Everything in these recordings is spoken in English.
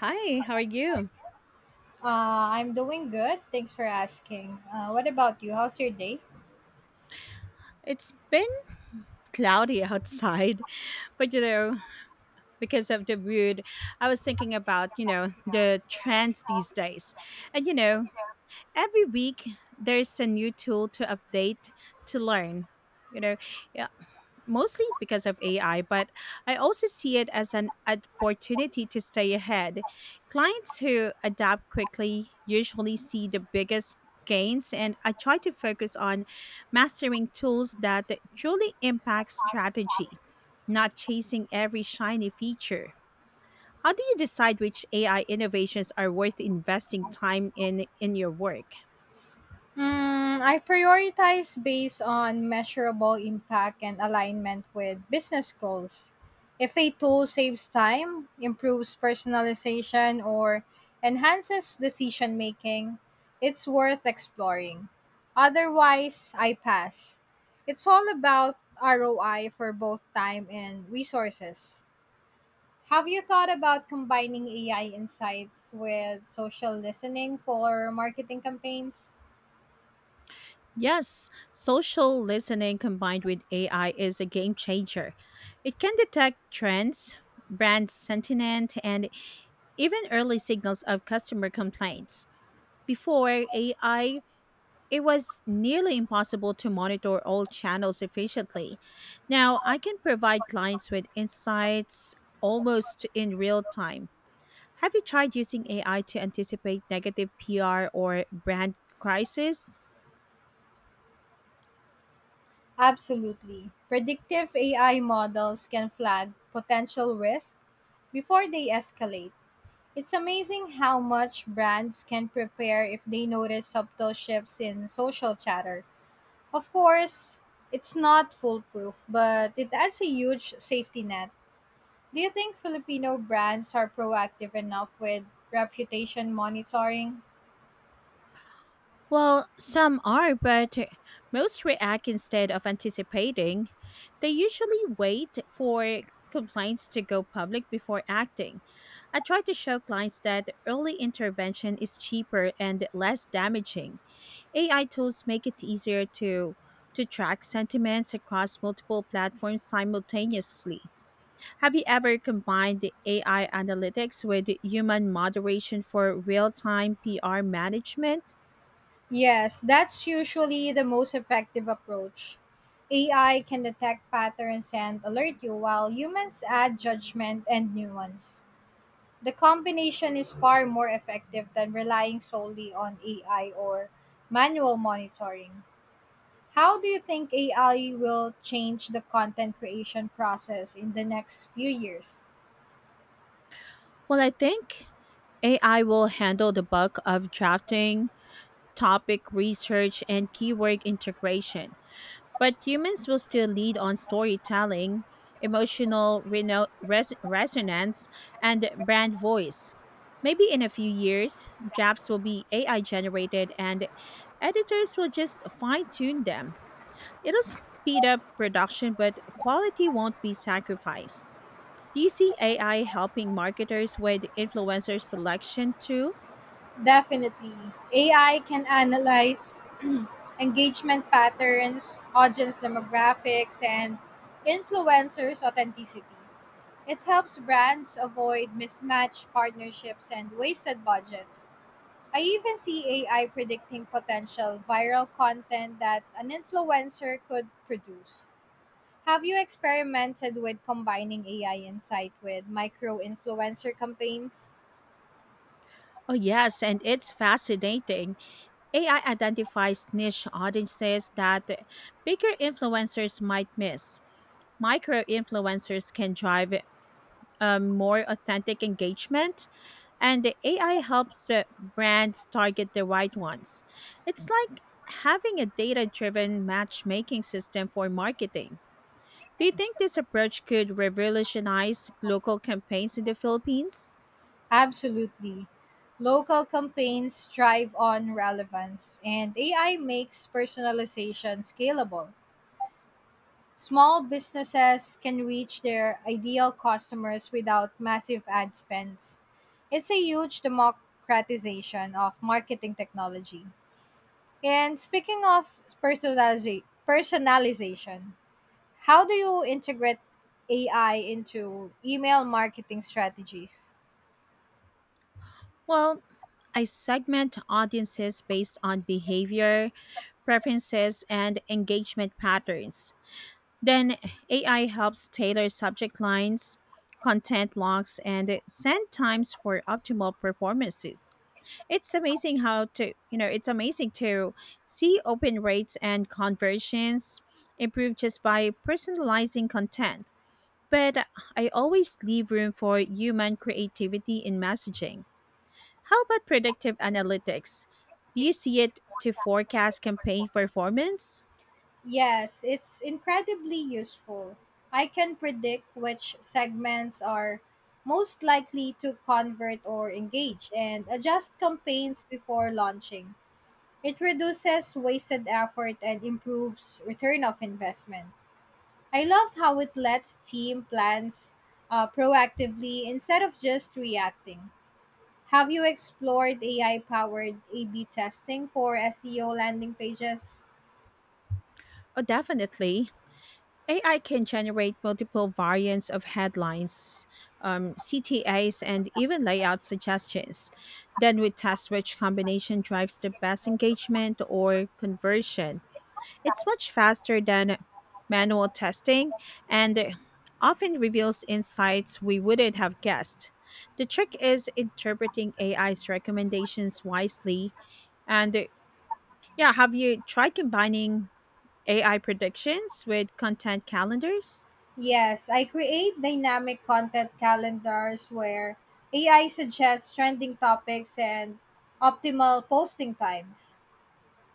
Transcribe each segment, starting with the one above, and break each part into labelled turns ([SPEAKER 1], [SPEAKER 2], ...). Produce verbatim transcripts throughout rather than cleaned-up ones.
[SPEAKER 1] Hi, how are you?
[SPEAKER 2] Uh, I'm doing good. Thanks for asking. Uh, what about you? How's your day?
[SPEAKER 1] It's been cloudy outside, but you know, because of the mood, I was thinking about, you know, the trends these days. And you know, every week there's a new tool to update to learn. You know, mostly because of A I, but I also see it as an opportunity to stay ahead. Clients who adapt quickly usually see the biggest gains, and I try to focus on mastering tools that truly impact strategy, not chasing every shiny feature. How do you decide which A I innovations are worth investing time in in your work?
[SPEAKER 2] Mm, I prioritize based on measurable impact and alignment with business goals. If a tool saves time, improves personalization, or enhances decision making, it's worth exploring. Otherwise, I pass. It's all about R O I for both time and resources. Have you thought about combining A I insights with social listening for marketing campaigns?
[SPEAKER 1] Yes, social listening combined with A I is a game changer. It can detect trends, brand sentiment, and even early signals of customer complaints. Before A I, it was nearly impossible to monitor all channels efficiently. Now, I can provide clients with insights almost in real time. Have you tried using A I to anticipate negative P R or brand crisis?
[SPEAKER 2] Absolutely. Predictive A I models can flag potential risks before they escalate. It's amazing how much brands can prepare if they notice subtle shifts in social chatter. Of course, it's not foolproof, but it adds a huge safety net. Do you think Filipino brands are proactive enough with reputation monitoring?
[SPEAKER 1] Well, some are, but most react instead of anticipating. They usually wait for complaints to go public before acting. I try to show clients that early intervention is cheaper and less damaging. A I tools make it easier to to track sentiments across multiple platforms simultaneously. Have you ever combined the A I analytics with human moderation for real-time P R management?
[SPEAKER 2] Yes, that's usually the most effective approach. A I can detect patterns and alert you, while humans add judgment and nuance. The combination is far more effective than relying solely on A I or manual monitoring. How do you think A I will change the content creation process in the next few years?
[SPEAKER 1] Well, I think A I will handle the bulk of drafting, topic research, and keyword integration, but humans will still lead on storytelling, emotional reno- res- resonance, and brand voice. Maybe in a few years, drafts will be A I generated and editors will just fine tune them. It'll speed up production, but quality won't be sacrificed. Do you see A I helping marketers with influencer selection too?
[SPEAKER 2] Definitely, A I can analyze engagement patterns, audience demographics, and influencers' authenticity. It helps brands avoid mismatched partnerships and wasted budgets. I even see A I predicting potential viral content that an influencer could produce. Have you experimented with combining A I insight with micro influencer campaigns?
[SPEAKER 1] Oh, yes, and it's fascinating. A I identifies niche audiences that bigger influencers might miss. Micro influencers can drive um, more authentic engagement. And the A I helps uh, brands target the right ones. It's like having a data driven matchmaking system for marketing. Do you think this approach could revolutionize local campaigns in the Philippines?
[SPEAKER 2] Absolutely. Local campaigns thrive on relevance, and A I makes personalization scalable. Small businesses can reach their ideal customers without massive ad spends. It's a huge democratization of marketing technology. And speaking of personaliza- personalization, how do you integrate A I into email marketing strategies?
[SPEAKER 1] Well, I segment audiences based on behavior, preferences, and engagement patterns. Then A I helps tailor subject lines, content blocks, and send times for optimal performances. It's amazing how to, you know, it's amazing to see open rates and conversions improve just by personalizing content. But I always leave room for human creativity in messaging. How about predictive analytics? Do you see it to forecast campaign performance?
[SPEAKER 2] Yes, it's incredibly useful. I can predict which segments are most likely to convert or engage and adjust campaigns before launching. It reduces wasted effort and improves return of investment. I love how it lets team plans uh, proactively instead of just reacting. Have you explored A I powered A B testing for S E O landing pages?
[SPEAKER 1] Oh, definitely. A I can generate multiple variants of headlines, um, C T As, and even layout suggestions. Then we test which combination drives the best engagement or conversion. It's much faster than manual testing, and often reveals insights we wouldn't have guessed. The trick is interpreting A I's recommendations wisely. And uh, yeah, have you tried combining A I predictions with content calendars?
[SPEAKER 2] Yes, I create dynamic content calendars where A I suggests trending topics and optimal posting times.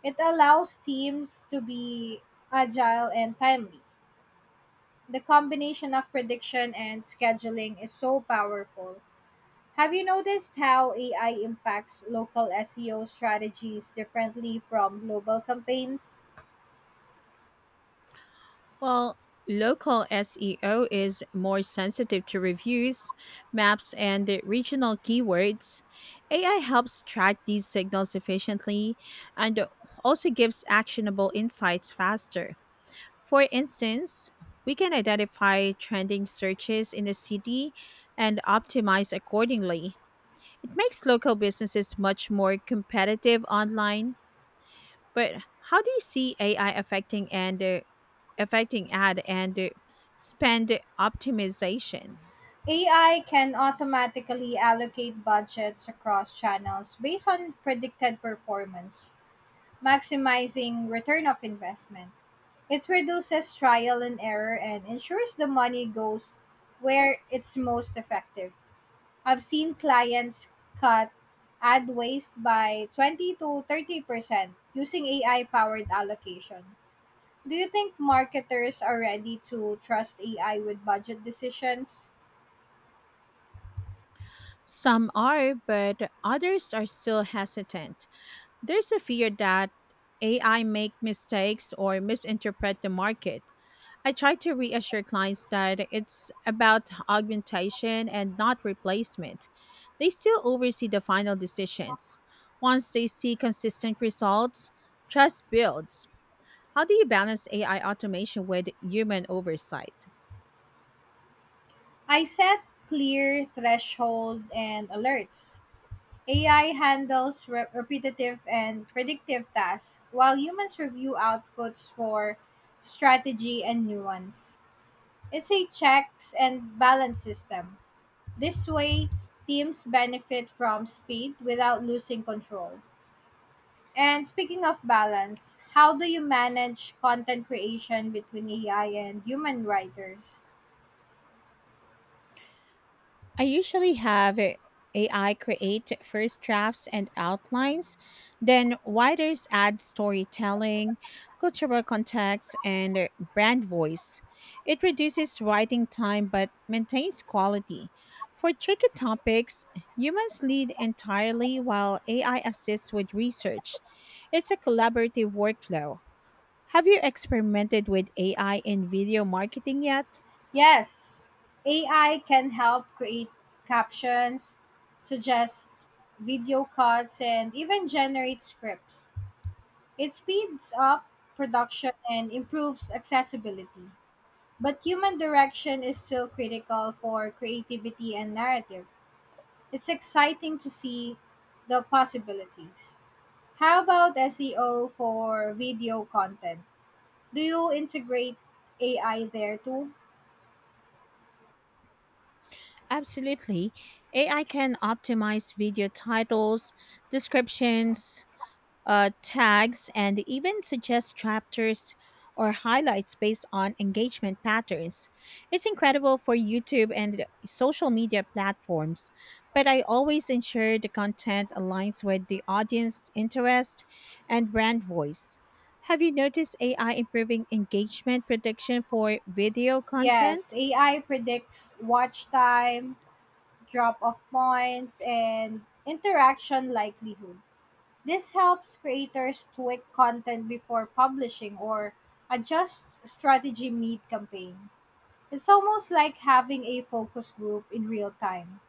[SPEAKER 2] It allows teams to be agile and timely. The combination of prediction and scheduling is so powerful. Have you noticed how A I impacts local S E O strategies differently from global campaigns?
[SPEAKER 1] Well, local S E O is more sensitive to reviews, maps, and regional keywords. A I helps track these signals efficiently and also gives actionable insights faster. For instance, we can identify trending searches in a city and optimize accordingly. It makes local businesses much more competitive online. But how do you see A I affecting and uh, affecting ad and uh, spend optimization?
[SPEAKER 2] A I can automatically allocate budgets across channels based on predicted performance, maximizing return of investment. It reduces trial and error and ensures the money goes where it's most effective. I've seen clients cut ad waste by twenty to thirty percent using A I powered allocation. Do you think marketers are ready to trust A I with budget decisions?
[SPEAKER 1] Some are, but others are still hesitant. There's a fear that A I make mistakes or misinterpret the market. I try to reassure clients that it's about augmentation and not replacement. They still oversee the final decisions. Once they see consistent results, trust builds. How do you balance A I automation with human oversight?
[SPEAKER 2] I set clear threshold and alerts. A I handles re- repetitive and predictive tasks, while humans review outputs for strategy and nuance. It's a checks and balance system. This way, teams benefit from speed without losing control. And speaking of balance, how do you manage content creation between A I and human writers?
[SPEAKER 1] I usually have A I create first drafts and outlines, then writers add storytelling, cultural context, and brand voice. It reduces writing time but maintains quality. For tricky topics, humans lead entirely while A I assists with research. It's a collaborative workflow. Have you experimented with A I in video marketing yet?
[SPEAKER 2] Yes, A I can help create captions, suggest video cuts, and even generate scripts. It speeds up production and improves accessibility. But human direction is still critical for creativity and narrative. It's exciting to see the possibilities. How about S E O for video content? Do you integrate A I there too?
[SPEAKER 1] Absolutely. A I can optimize video titles, descriptions, uh, tags, and even suggest chapters or highlights based on engagement patterns. It's incredible for YouTube and social media platforms, but I always ensure the content aligns with the audience interest and brand voice. Have you noticed A I improving engagement prediction for video
[SPEAKER 2] Yes,
[SPEAKER 1] content?
[SPEAKER 2] A I predicts watch time, drop off points, and interaction likelihood. This helps creators tweak content before publishing or adjust strategy mid campaign. It's almost like having a focus group in real time.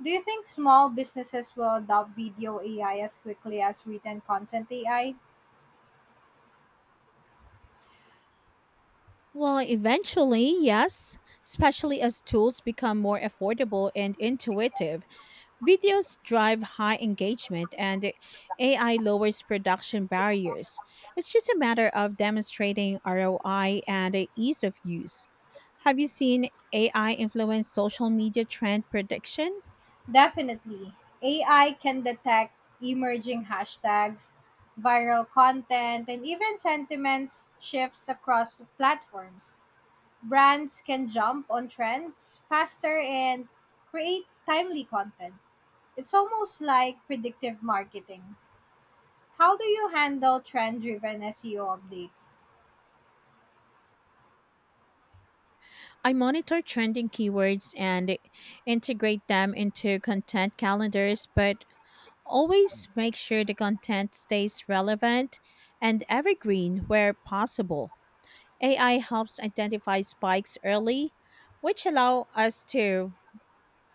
[SPEAKER 2] Do you think small businesses will adopt video A I as quickly as written content A I?
[SPEAKER 1] Well, eventually, yes, especially as tools become more affordable and intuitive. Videos drive high engagement and A I lowers production barriers. It's just a matter of demonstrating R O I and ease of use. Have you seen A I influence social media trend prediction?
[SPEAKER 2] Definitely. A I can detect emerging hashtags, viral content, and even sentiments shifts across platforms. Brands can jump on trends faster and create timely content. It's almost like predictive marketing. How do you handle trend driven S E O updates?
[SPEAKER 1] I monitor trending keywords and integrate them into content calendars, but always make sure the content stays relevant and evergreen where possible. A I helps identify spikes early, which allow us to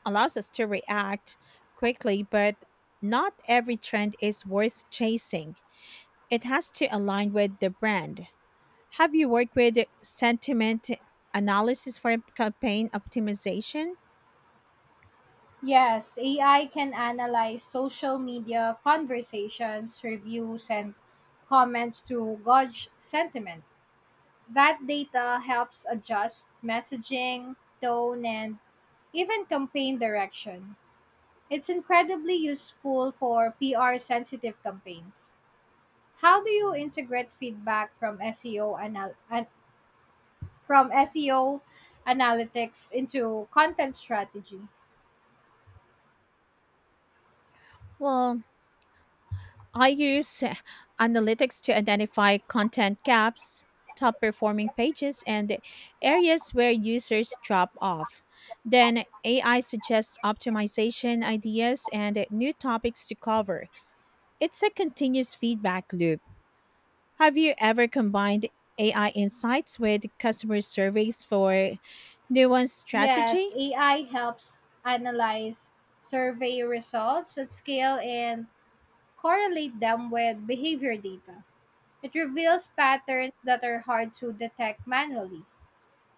[SPEAKER 1] allows us to react quickly, but not every trend is worth chasing. It has to align with the brand. Have you worked with sentiment analysis for campaign optimization?
[SPEAKER 2] Yes, A I can analyze social media conversations, reviews, and comments to gauge sentiment. That data helps adjust messaging, tone, and even campaign direction. It's incredibly useful for P R sensitive campaigns. How do you integrate feedback from S E O anal- an- from S E O analytics into content strategy?
[SPEAKER 1] Well, I use uh, analytics to identify content gaps, top performing pages, and areas where users drop off. Then A I suggests optimization ideas and new topics to cover. It's a continuous feedback loop. Have you ever combined A I insights with customer surveys for nuanced
[SPEAKER 2] Yes,
[SPEAKER 1] strategy?
[SPEAKER 2] A I helps analyze survey results at scale and correlate them with behavior data. It reveals patterns that are hard to detect manually.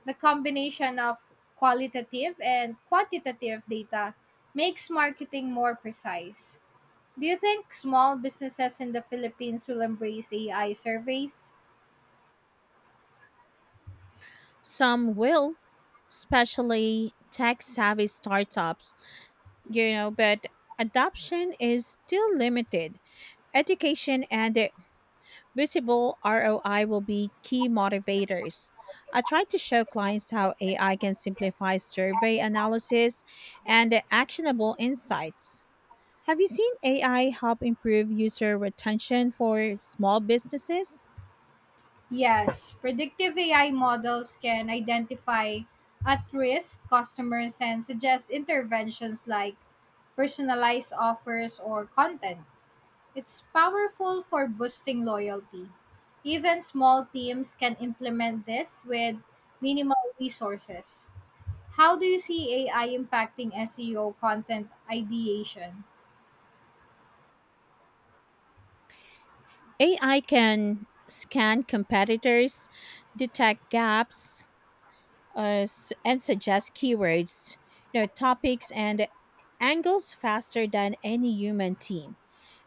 [SPEAKER 2] The combination of qualitative and quantitative data makes marketing more precise. Do you think small businesses in the Philippines will embrace A I surveys?
[SPEAKER 1] Some will, especially tech savvy startups, you know, but adoption is still limited. Education and a visible R O I will be key motivators. I try to show clients how A I can simplify survey analysis and the actionable insights. Have you seen A I help improve user retention for small businesses?
[SPEAKER 2] Yes, predictive A I models can identify at risk customers and suggest interventions like personalized offers or content. It's powerful for boosting loyalty. Even small teams can implement this with minimal resources. How do you see A I impacting S E O content ideation?
[SPEAKER 1] A I can scan competitors, detect gaps, uh, s- and suggest keywords, you know, topics, and angles faster than any human team.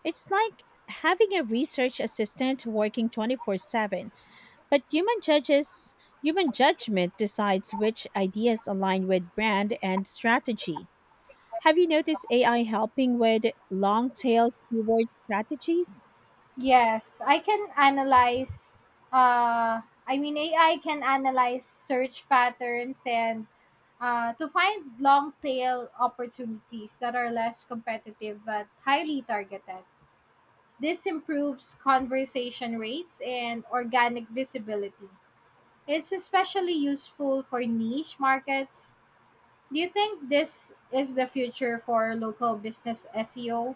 [SPEAKER 1] It's like having a research assistant working twenty-four seven, but human judges human judgment decides which ideas align with brand and strategy. Have you noticed A I helping with long tail keyword strategies?
[SPEAKER 2] Yes, I can analyze. Uh, I mean, A I can analyze search patterns and uh, to find long tail opportunities that are less competitive but highly targeted. This improves conversation rates and organic visibility. It's especially useful for niche markets. Do you think this is the future for local business S E O?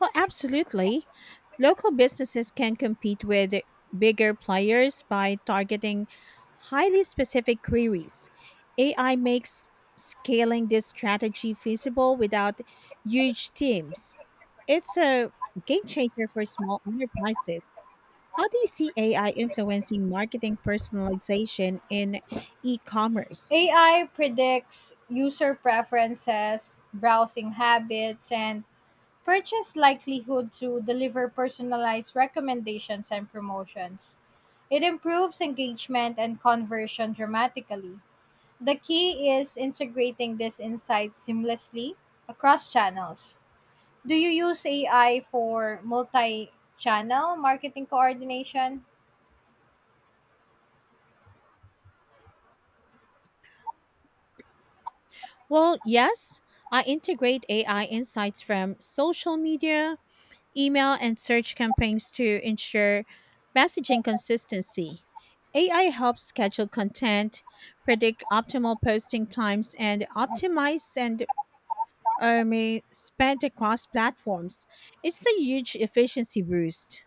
[SPEAKER 1] Well, absolutely. Local businesses can compete with bigger players by targeting highly specific queries. A I makes scaling this strategy feasible without huge teams. It's a game changer for small enterprises. How do you see A I influencing marketing personalization in e commerce?
[SPEAKER 2] A I predicts user preferences, browsing habits, and purchase likelihood to deliver personalized recommendations and promotions. It improves engagement and conversion dramatically. The key is integrating this insights seamlessly across channels. Do you use A I for multi channel marketing coordination?
[SPEAKER 1] Well, yes, I integrate A I insights from social media, email, and search campaigns to ensure messaging consistency. A I helps schedule content, predict optimal posting times, and optimize and um, spend across platforms. It's a huge efficiency boost.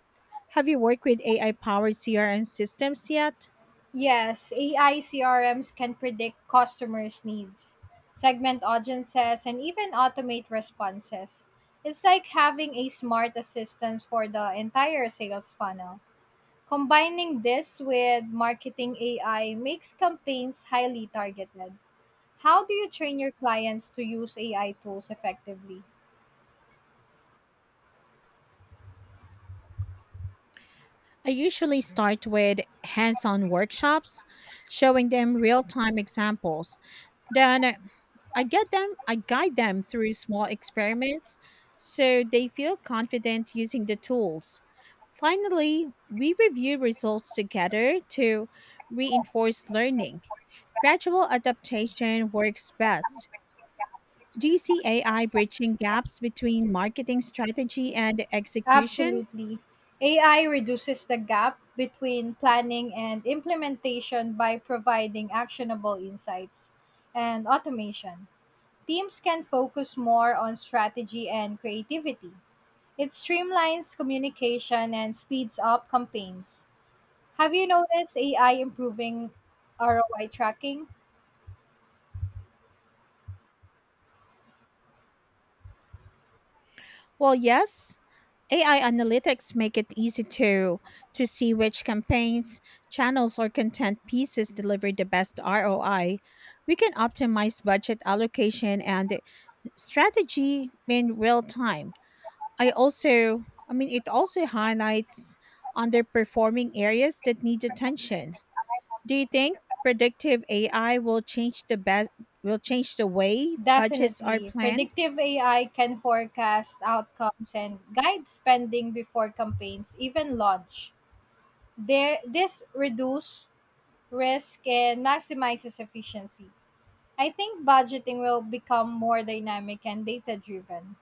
[SPEAKER 1] Have you worked with A I powered C R M systems yet?
[SPEAKER 2] Yes, A I C R Ms can predict customers' needs, segment audiences, and even automate responses. It's like having a smart assistant for the entire sales funnel. Combining this with marketing A I makes campaigns highly targeted. How do you train your clients to use A I tools effectively?
[SPEAKER 1] I usually start with hands on workshops, showing them real time examples. Then I get them I guide them through small experiments so they feel confident using the tools. Finally, we review results together to reinforce learning. Gradual adaptation works best. Do you see A I bridging gaps between marketing strategy and execution?
[SPEAKER 2] Absolutely. A I reduces the gap between planning and implementation by providing actionable insights and automation. Teams can focus more on strategy and creativity. It streamlines communication and speeds up campaigns. Have you noticed A I improving R O I tracking?
[SPEAKER 1] Well, yes. A I analytics make it easy to to see which campaigns, channels, or content pieces deliver the best R O I. We can optimize budget allocation and strategy in real time. I also I mean it also highlights underperforming areas that need attention. Do you think predictive A I will change the best will change the way budgets are
[SPEAKER 2] Definitely.
[SPEAKER 1] planned?
[SPEAKER 2] Predictive A I can forecast outcomes and guide spending before campaigns even launch. There, this reduces risk and maximizes efficiency. I think budgeting will become more dynamic and data driven.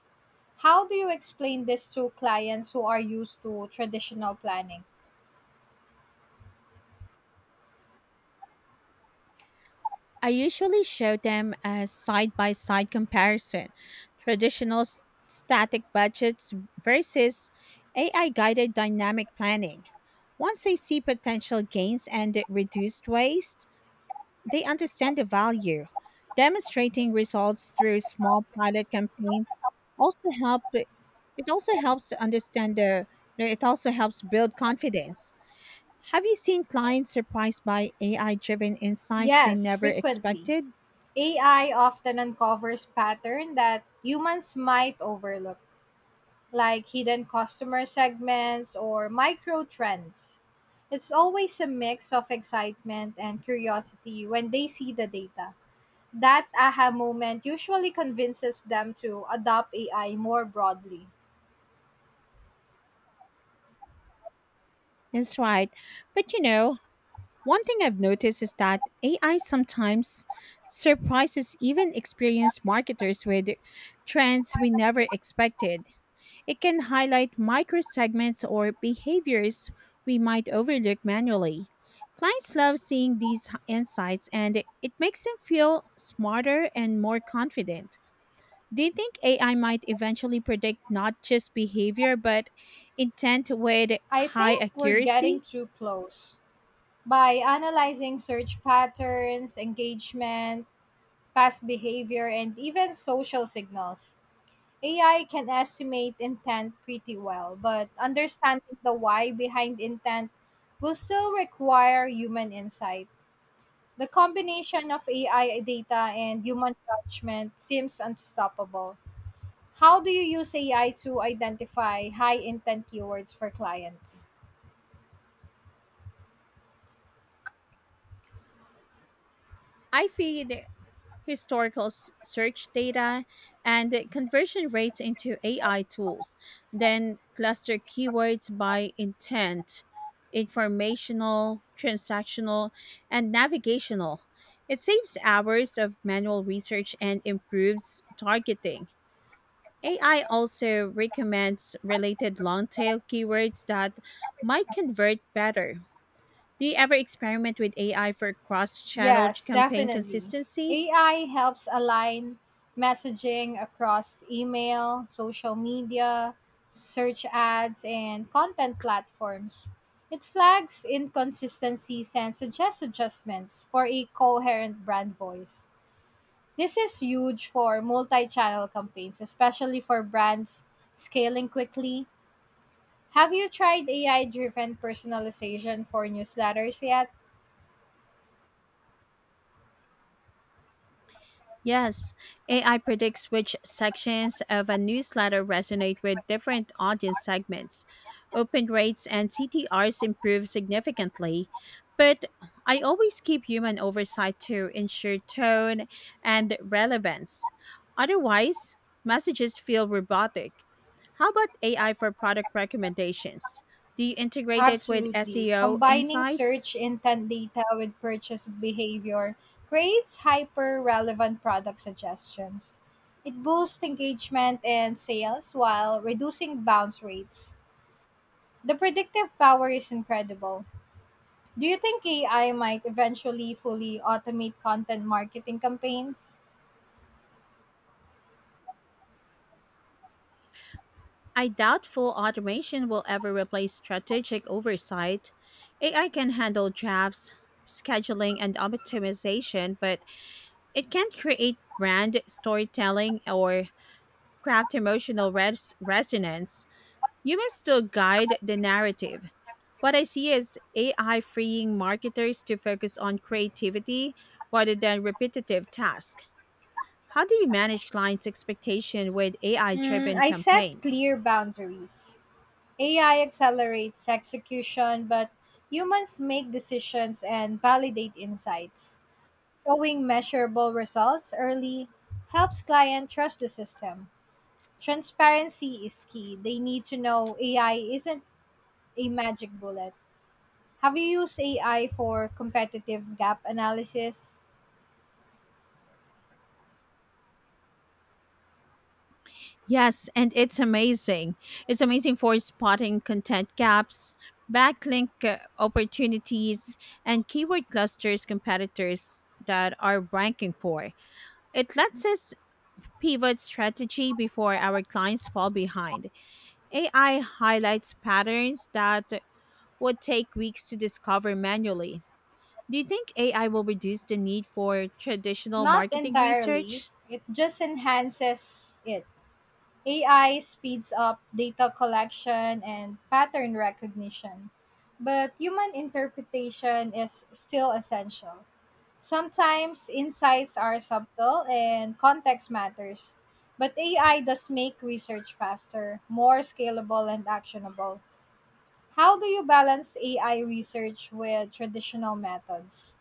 [SPEAKER 2] How do you explain this to clients who are used to traditional planning?
[SPEAKER 1] I usually show them a side-by-side comparison, traditional s- static budgets versus A I-guided dynamic planning. Once they see potential gains and reduced waste, they understand the value. Demonstrating results through small pilot campaigns also help it also helps to understand the, you know, it also helps build confidence. Have you seen clients surprised by A I driven insights they
[SPEAKER 2] Yes,
[SPEAKER 1] never
[SPEAKER 2] frequently.
[SPEAKER 1] expected?
[SPEAKER 2] A I often uncovers patterns that humans might overlook, like hidden customer segments or micro trends. It's always a mix of excitement and curiosity when they see the data. That aha moment usually convinces them to adopt A I more broadly.
[SPEAKER 1] That's right. But you know, one thing I've noticed is that A I sometimes surprises even experienced marketers with trends we never expected. It can highlight microsegments or behaviors we might overlook manually. Clients love seeing these h- insights, and it it makes them feel smarter and more confident. Do you think A I might eventually predict not just behavior but intent with
[SPEAKER 2] I
[SPEAKER 1] high
[SPEAKER 2] think we're getting
[SPEAKER 1] accuracy?
[SPEAKER 2] too close. By analyzing search patterns, engagement, past behavior, and even social signals, A I can estimate intent pretty well, but understanding the why behind intent will still require human insight. The combination of A I data and human judgment seems unstoppable. How do you use A I to identify high intent keywords for clients?
[SPEAKER 1] I feel historical s- search data, and the conversion rates into A I tools. Then cluster keywords by intent, informational, transactional, and navigational. It saves hours of manual research and improves targeting. A I also recommends related long tail keywords that might convert better. Do you ever experiment with A I for cross channel
[SPEAKER 2] Yes,
[SPEAKER 1] campaign
[SPEAKER 2] definitely.
[SPEAKER 1] consistency?
[SPEAKER 2] A I helps align messaging across email, social media, search ads, and content platforms. It flags inconsistencies and suggests adjustments for a coherent brand voice. This is huge for multi channel campaigns, especially for brands scaling quickly. Have you tried A I driven personalization for newsletters yet?
[SPEAKER 1] Yes, A I predicts which sections of a newsletter resonate with different audience segments. Open rates and C T Rs improve significantly, but I always keep human oversight to ensure tone and relevance. Otherwise, messages feel robotic. How about A I for product recommendations? Do you integrate it with
[SPEAKER 2] Absolutely.
[SPEAKER 1] S E O
[SPEAKER 2] Combining
[SPEAKER 1] insights?
[SPEAKER 2] search intent data with purchase behavior creates hyper relevant product suggestions. It boosts engagement and sales while reducing bounce rates. The predictive power is incredible. Do you think A I might eventually fully automate content marketing campaigns?
[SPEAKER 1] I doubt full automation will ever replace strategic oversight. A I can handle drafts, scheduling, and optimization, but it can't create brand storytelling or craft emotional res- resonance. Humans still guide the narrative. What I see is A I freeing marketers to focus on creativity rather than repetitive tasks. How do you manage clients' expectation with A I
[SPEAKER 2] Hmm,
[SPEAKER 1] driven
[SPEAKER 2] I set
[SPEAKER 1] campaigns?
[SPEAKER 2] clear boundaries. A I accelerates execution, but humans make decisions and validate insights. Showing measurable results early helps clients trust the system. Transparency is key. They need to know A I isn't a magic bullet. Have you used A I for competitive gap analysis?
[SPEAKER 1] Yes, and it's amazing. It's amazing for spotting content gaps, backlink uh, opportunities, and keyword clusters competitors that are ranking for. It lets us pivot strategy before our clients fall behind. A I highlights patterns that would take weeks to discover manually. Do you think A I will reduce the need for traditional
[SPEAKER 2] Not
[SPEAKER 1] marketing
[SPEAKER 2] entirely.
[SPEAKER 1] research?
[SPEAKER 2] It just enhances it. A I speeds up data collection and pattern recognition, but human interpretation is still essential. Sometimes insights are subtle and context matters, but A I does make research faster, more scalable, and actionable. How do you balance A I research with traditional methods?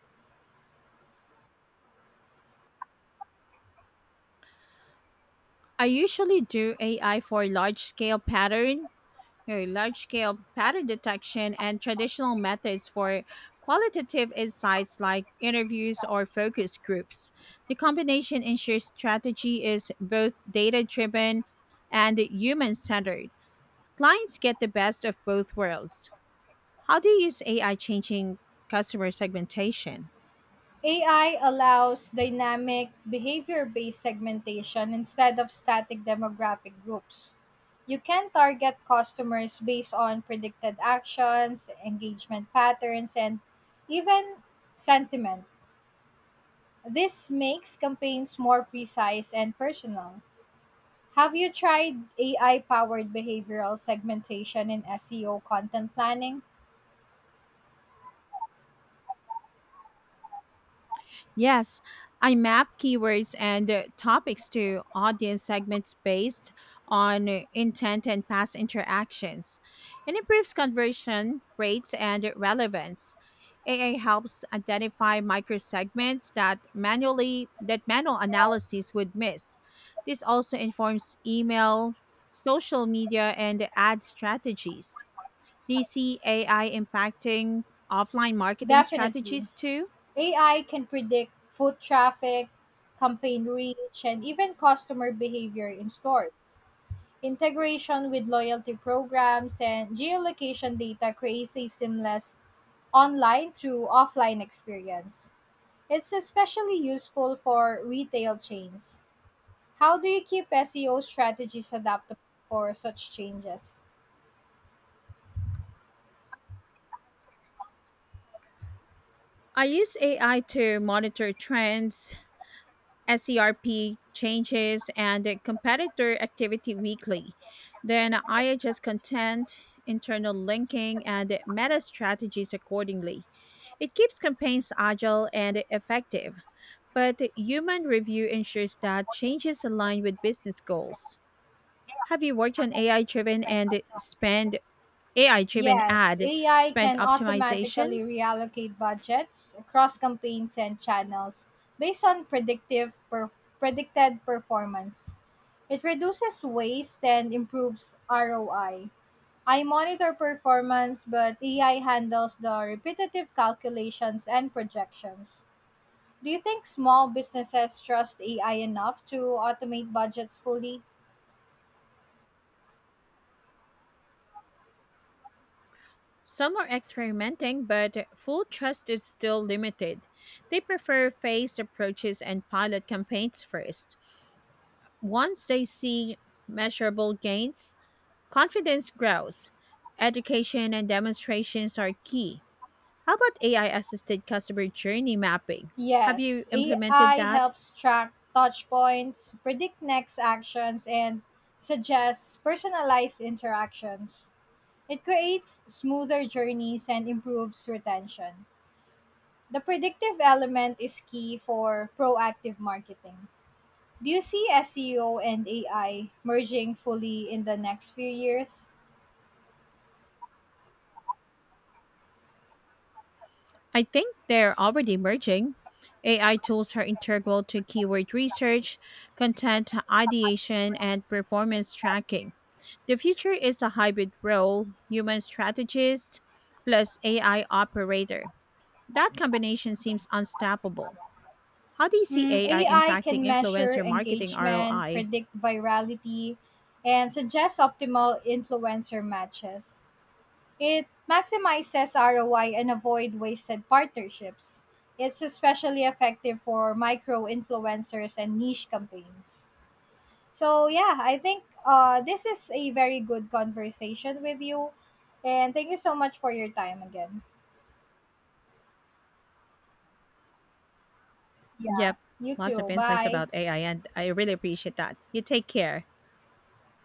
[SPEAKER 1] I usually do A I for large scale pattern Your large scale pattern detection and traditional methods for qualitative insights like interviews or focus groups. The combination ensures strategy is both data driven and human centered. Clients get the best of both worlds. How do you use A I changing customer segmentation?
[SPEAKER 2] A I allows dynamic behavior based segmentation instead of static demographic groups. You can target customers based on predicted actions, engagement patterns, and even sentiment. This makes campaigns more precise and personal. Have you tried A I powered behavioral segmentation in S E O content planning?
[SPEAKER 1] Yes, I map keywords and uh, topics to audience segments based on uh, intent and past interactions. It improves conversion rates and relevance. A I helps identify micro segments that manually that manual analysis would miss. This also informs email, social media, and ad strategies. Do you see A I impacting offline marketing
[SPEAKER 2] Definitely.
[SPEAKER 1] strategies too?
[SPEAKER 2] A I can predict foot traffic, campaign reach, and even customer behavior in stores. Integration with loyalty programs and geolocation data creates a seamless online to offline experience. It's especially useful for retail chains. How do you keep S E O strategies adaptable for such changes?
[SPEAKER 1] I use A I to monitor trends, SERP changes, and the competitor activity weekly. Then I adjust content, internal linking, and meta strategies accordingly. It keeps campaigns agile and effective, but human review ensures that changes align with business goals. Have you worked on A I driven and spend A I driven
[SPEAKER 2] Yes,
[SPEAKER 1] ad
[SPEAKER 2] A I
[SPEAKER 1] spend
[SPEAKER 2] can
[SPEAKER 1] optimization?
[SPEAKER 2] automatically reallocate budgets across campaigns and channels based on predictive per- predicted performance. It reduces waste and improves R O I. I I monitor performance, but A I handles the repetitive calculations and projections. Do you think small businesses trust A I enough to automate budgets fully?
[SPEAKER 1] Some are experimenting, but full trust is still limited. They prefer phased approaches and pilot campaigns first. Once they see measurable gains, confidence grows. Education and demonstrations are key. How about A I assisted customer journey mapping? Have you
[SPEAKER 2] Yes,
[SPEAKER 1] implemented
[SPEAKER 2] A I
[SPEAKER 1] that?
[SPEAKER 2] helps track touch points, predict next actions, and suggests personalized interactions. It creates smoother journeys and improves retention. The predictive element is key for proactive marketing. Do you see S E O and A I merging fully in the next few years?
[SPEAKER 1] I think they're already merging. A I tools are integral to keyword research, content ideation, and performance tracking. The future is a hybrid role, human strategist plus A I operator. That combination seems unstoppable. How do you see
[SPEAKER 2] Mm,
[SPEAKER 1] A I
[SPEAKER 2] A I
[SPEAKER 1] impacting
[SPEAKER 2] can measure
[SPEAKER 1] influencer marketing
[SPEAKER 2] engagement,
[SPEAKER 1] R O I?
[SPEAKER 2] predict virality, and suggest optimal influencer matches. It maximizes R O I and avoid wasted partnerships. It's especially effective for micro influencers and niche campaigns. So yeah, I think uh, this is a very good conversation with you, and thank you so much for your time again. Yeah,
[SPEAKER 1] Yep,
[SPEAKER 2] you
[SPEAKER 1] lots of
[SPEAKER 2] too.
[SPEAKER 1] insights
[SPEAKER 2] Bye.
[SPEAKER 1] about A I, and I really appreciate that. You take care.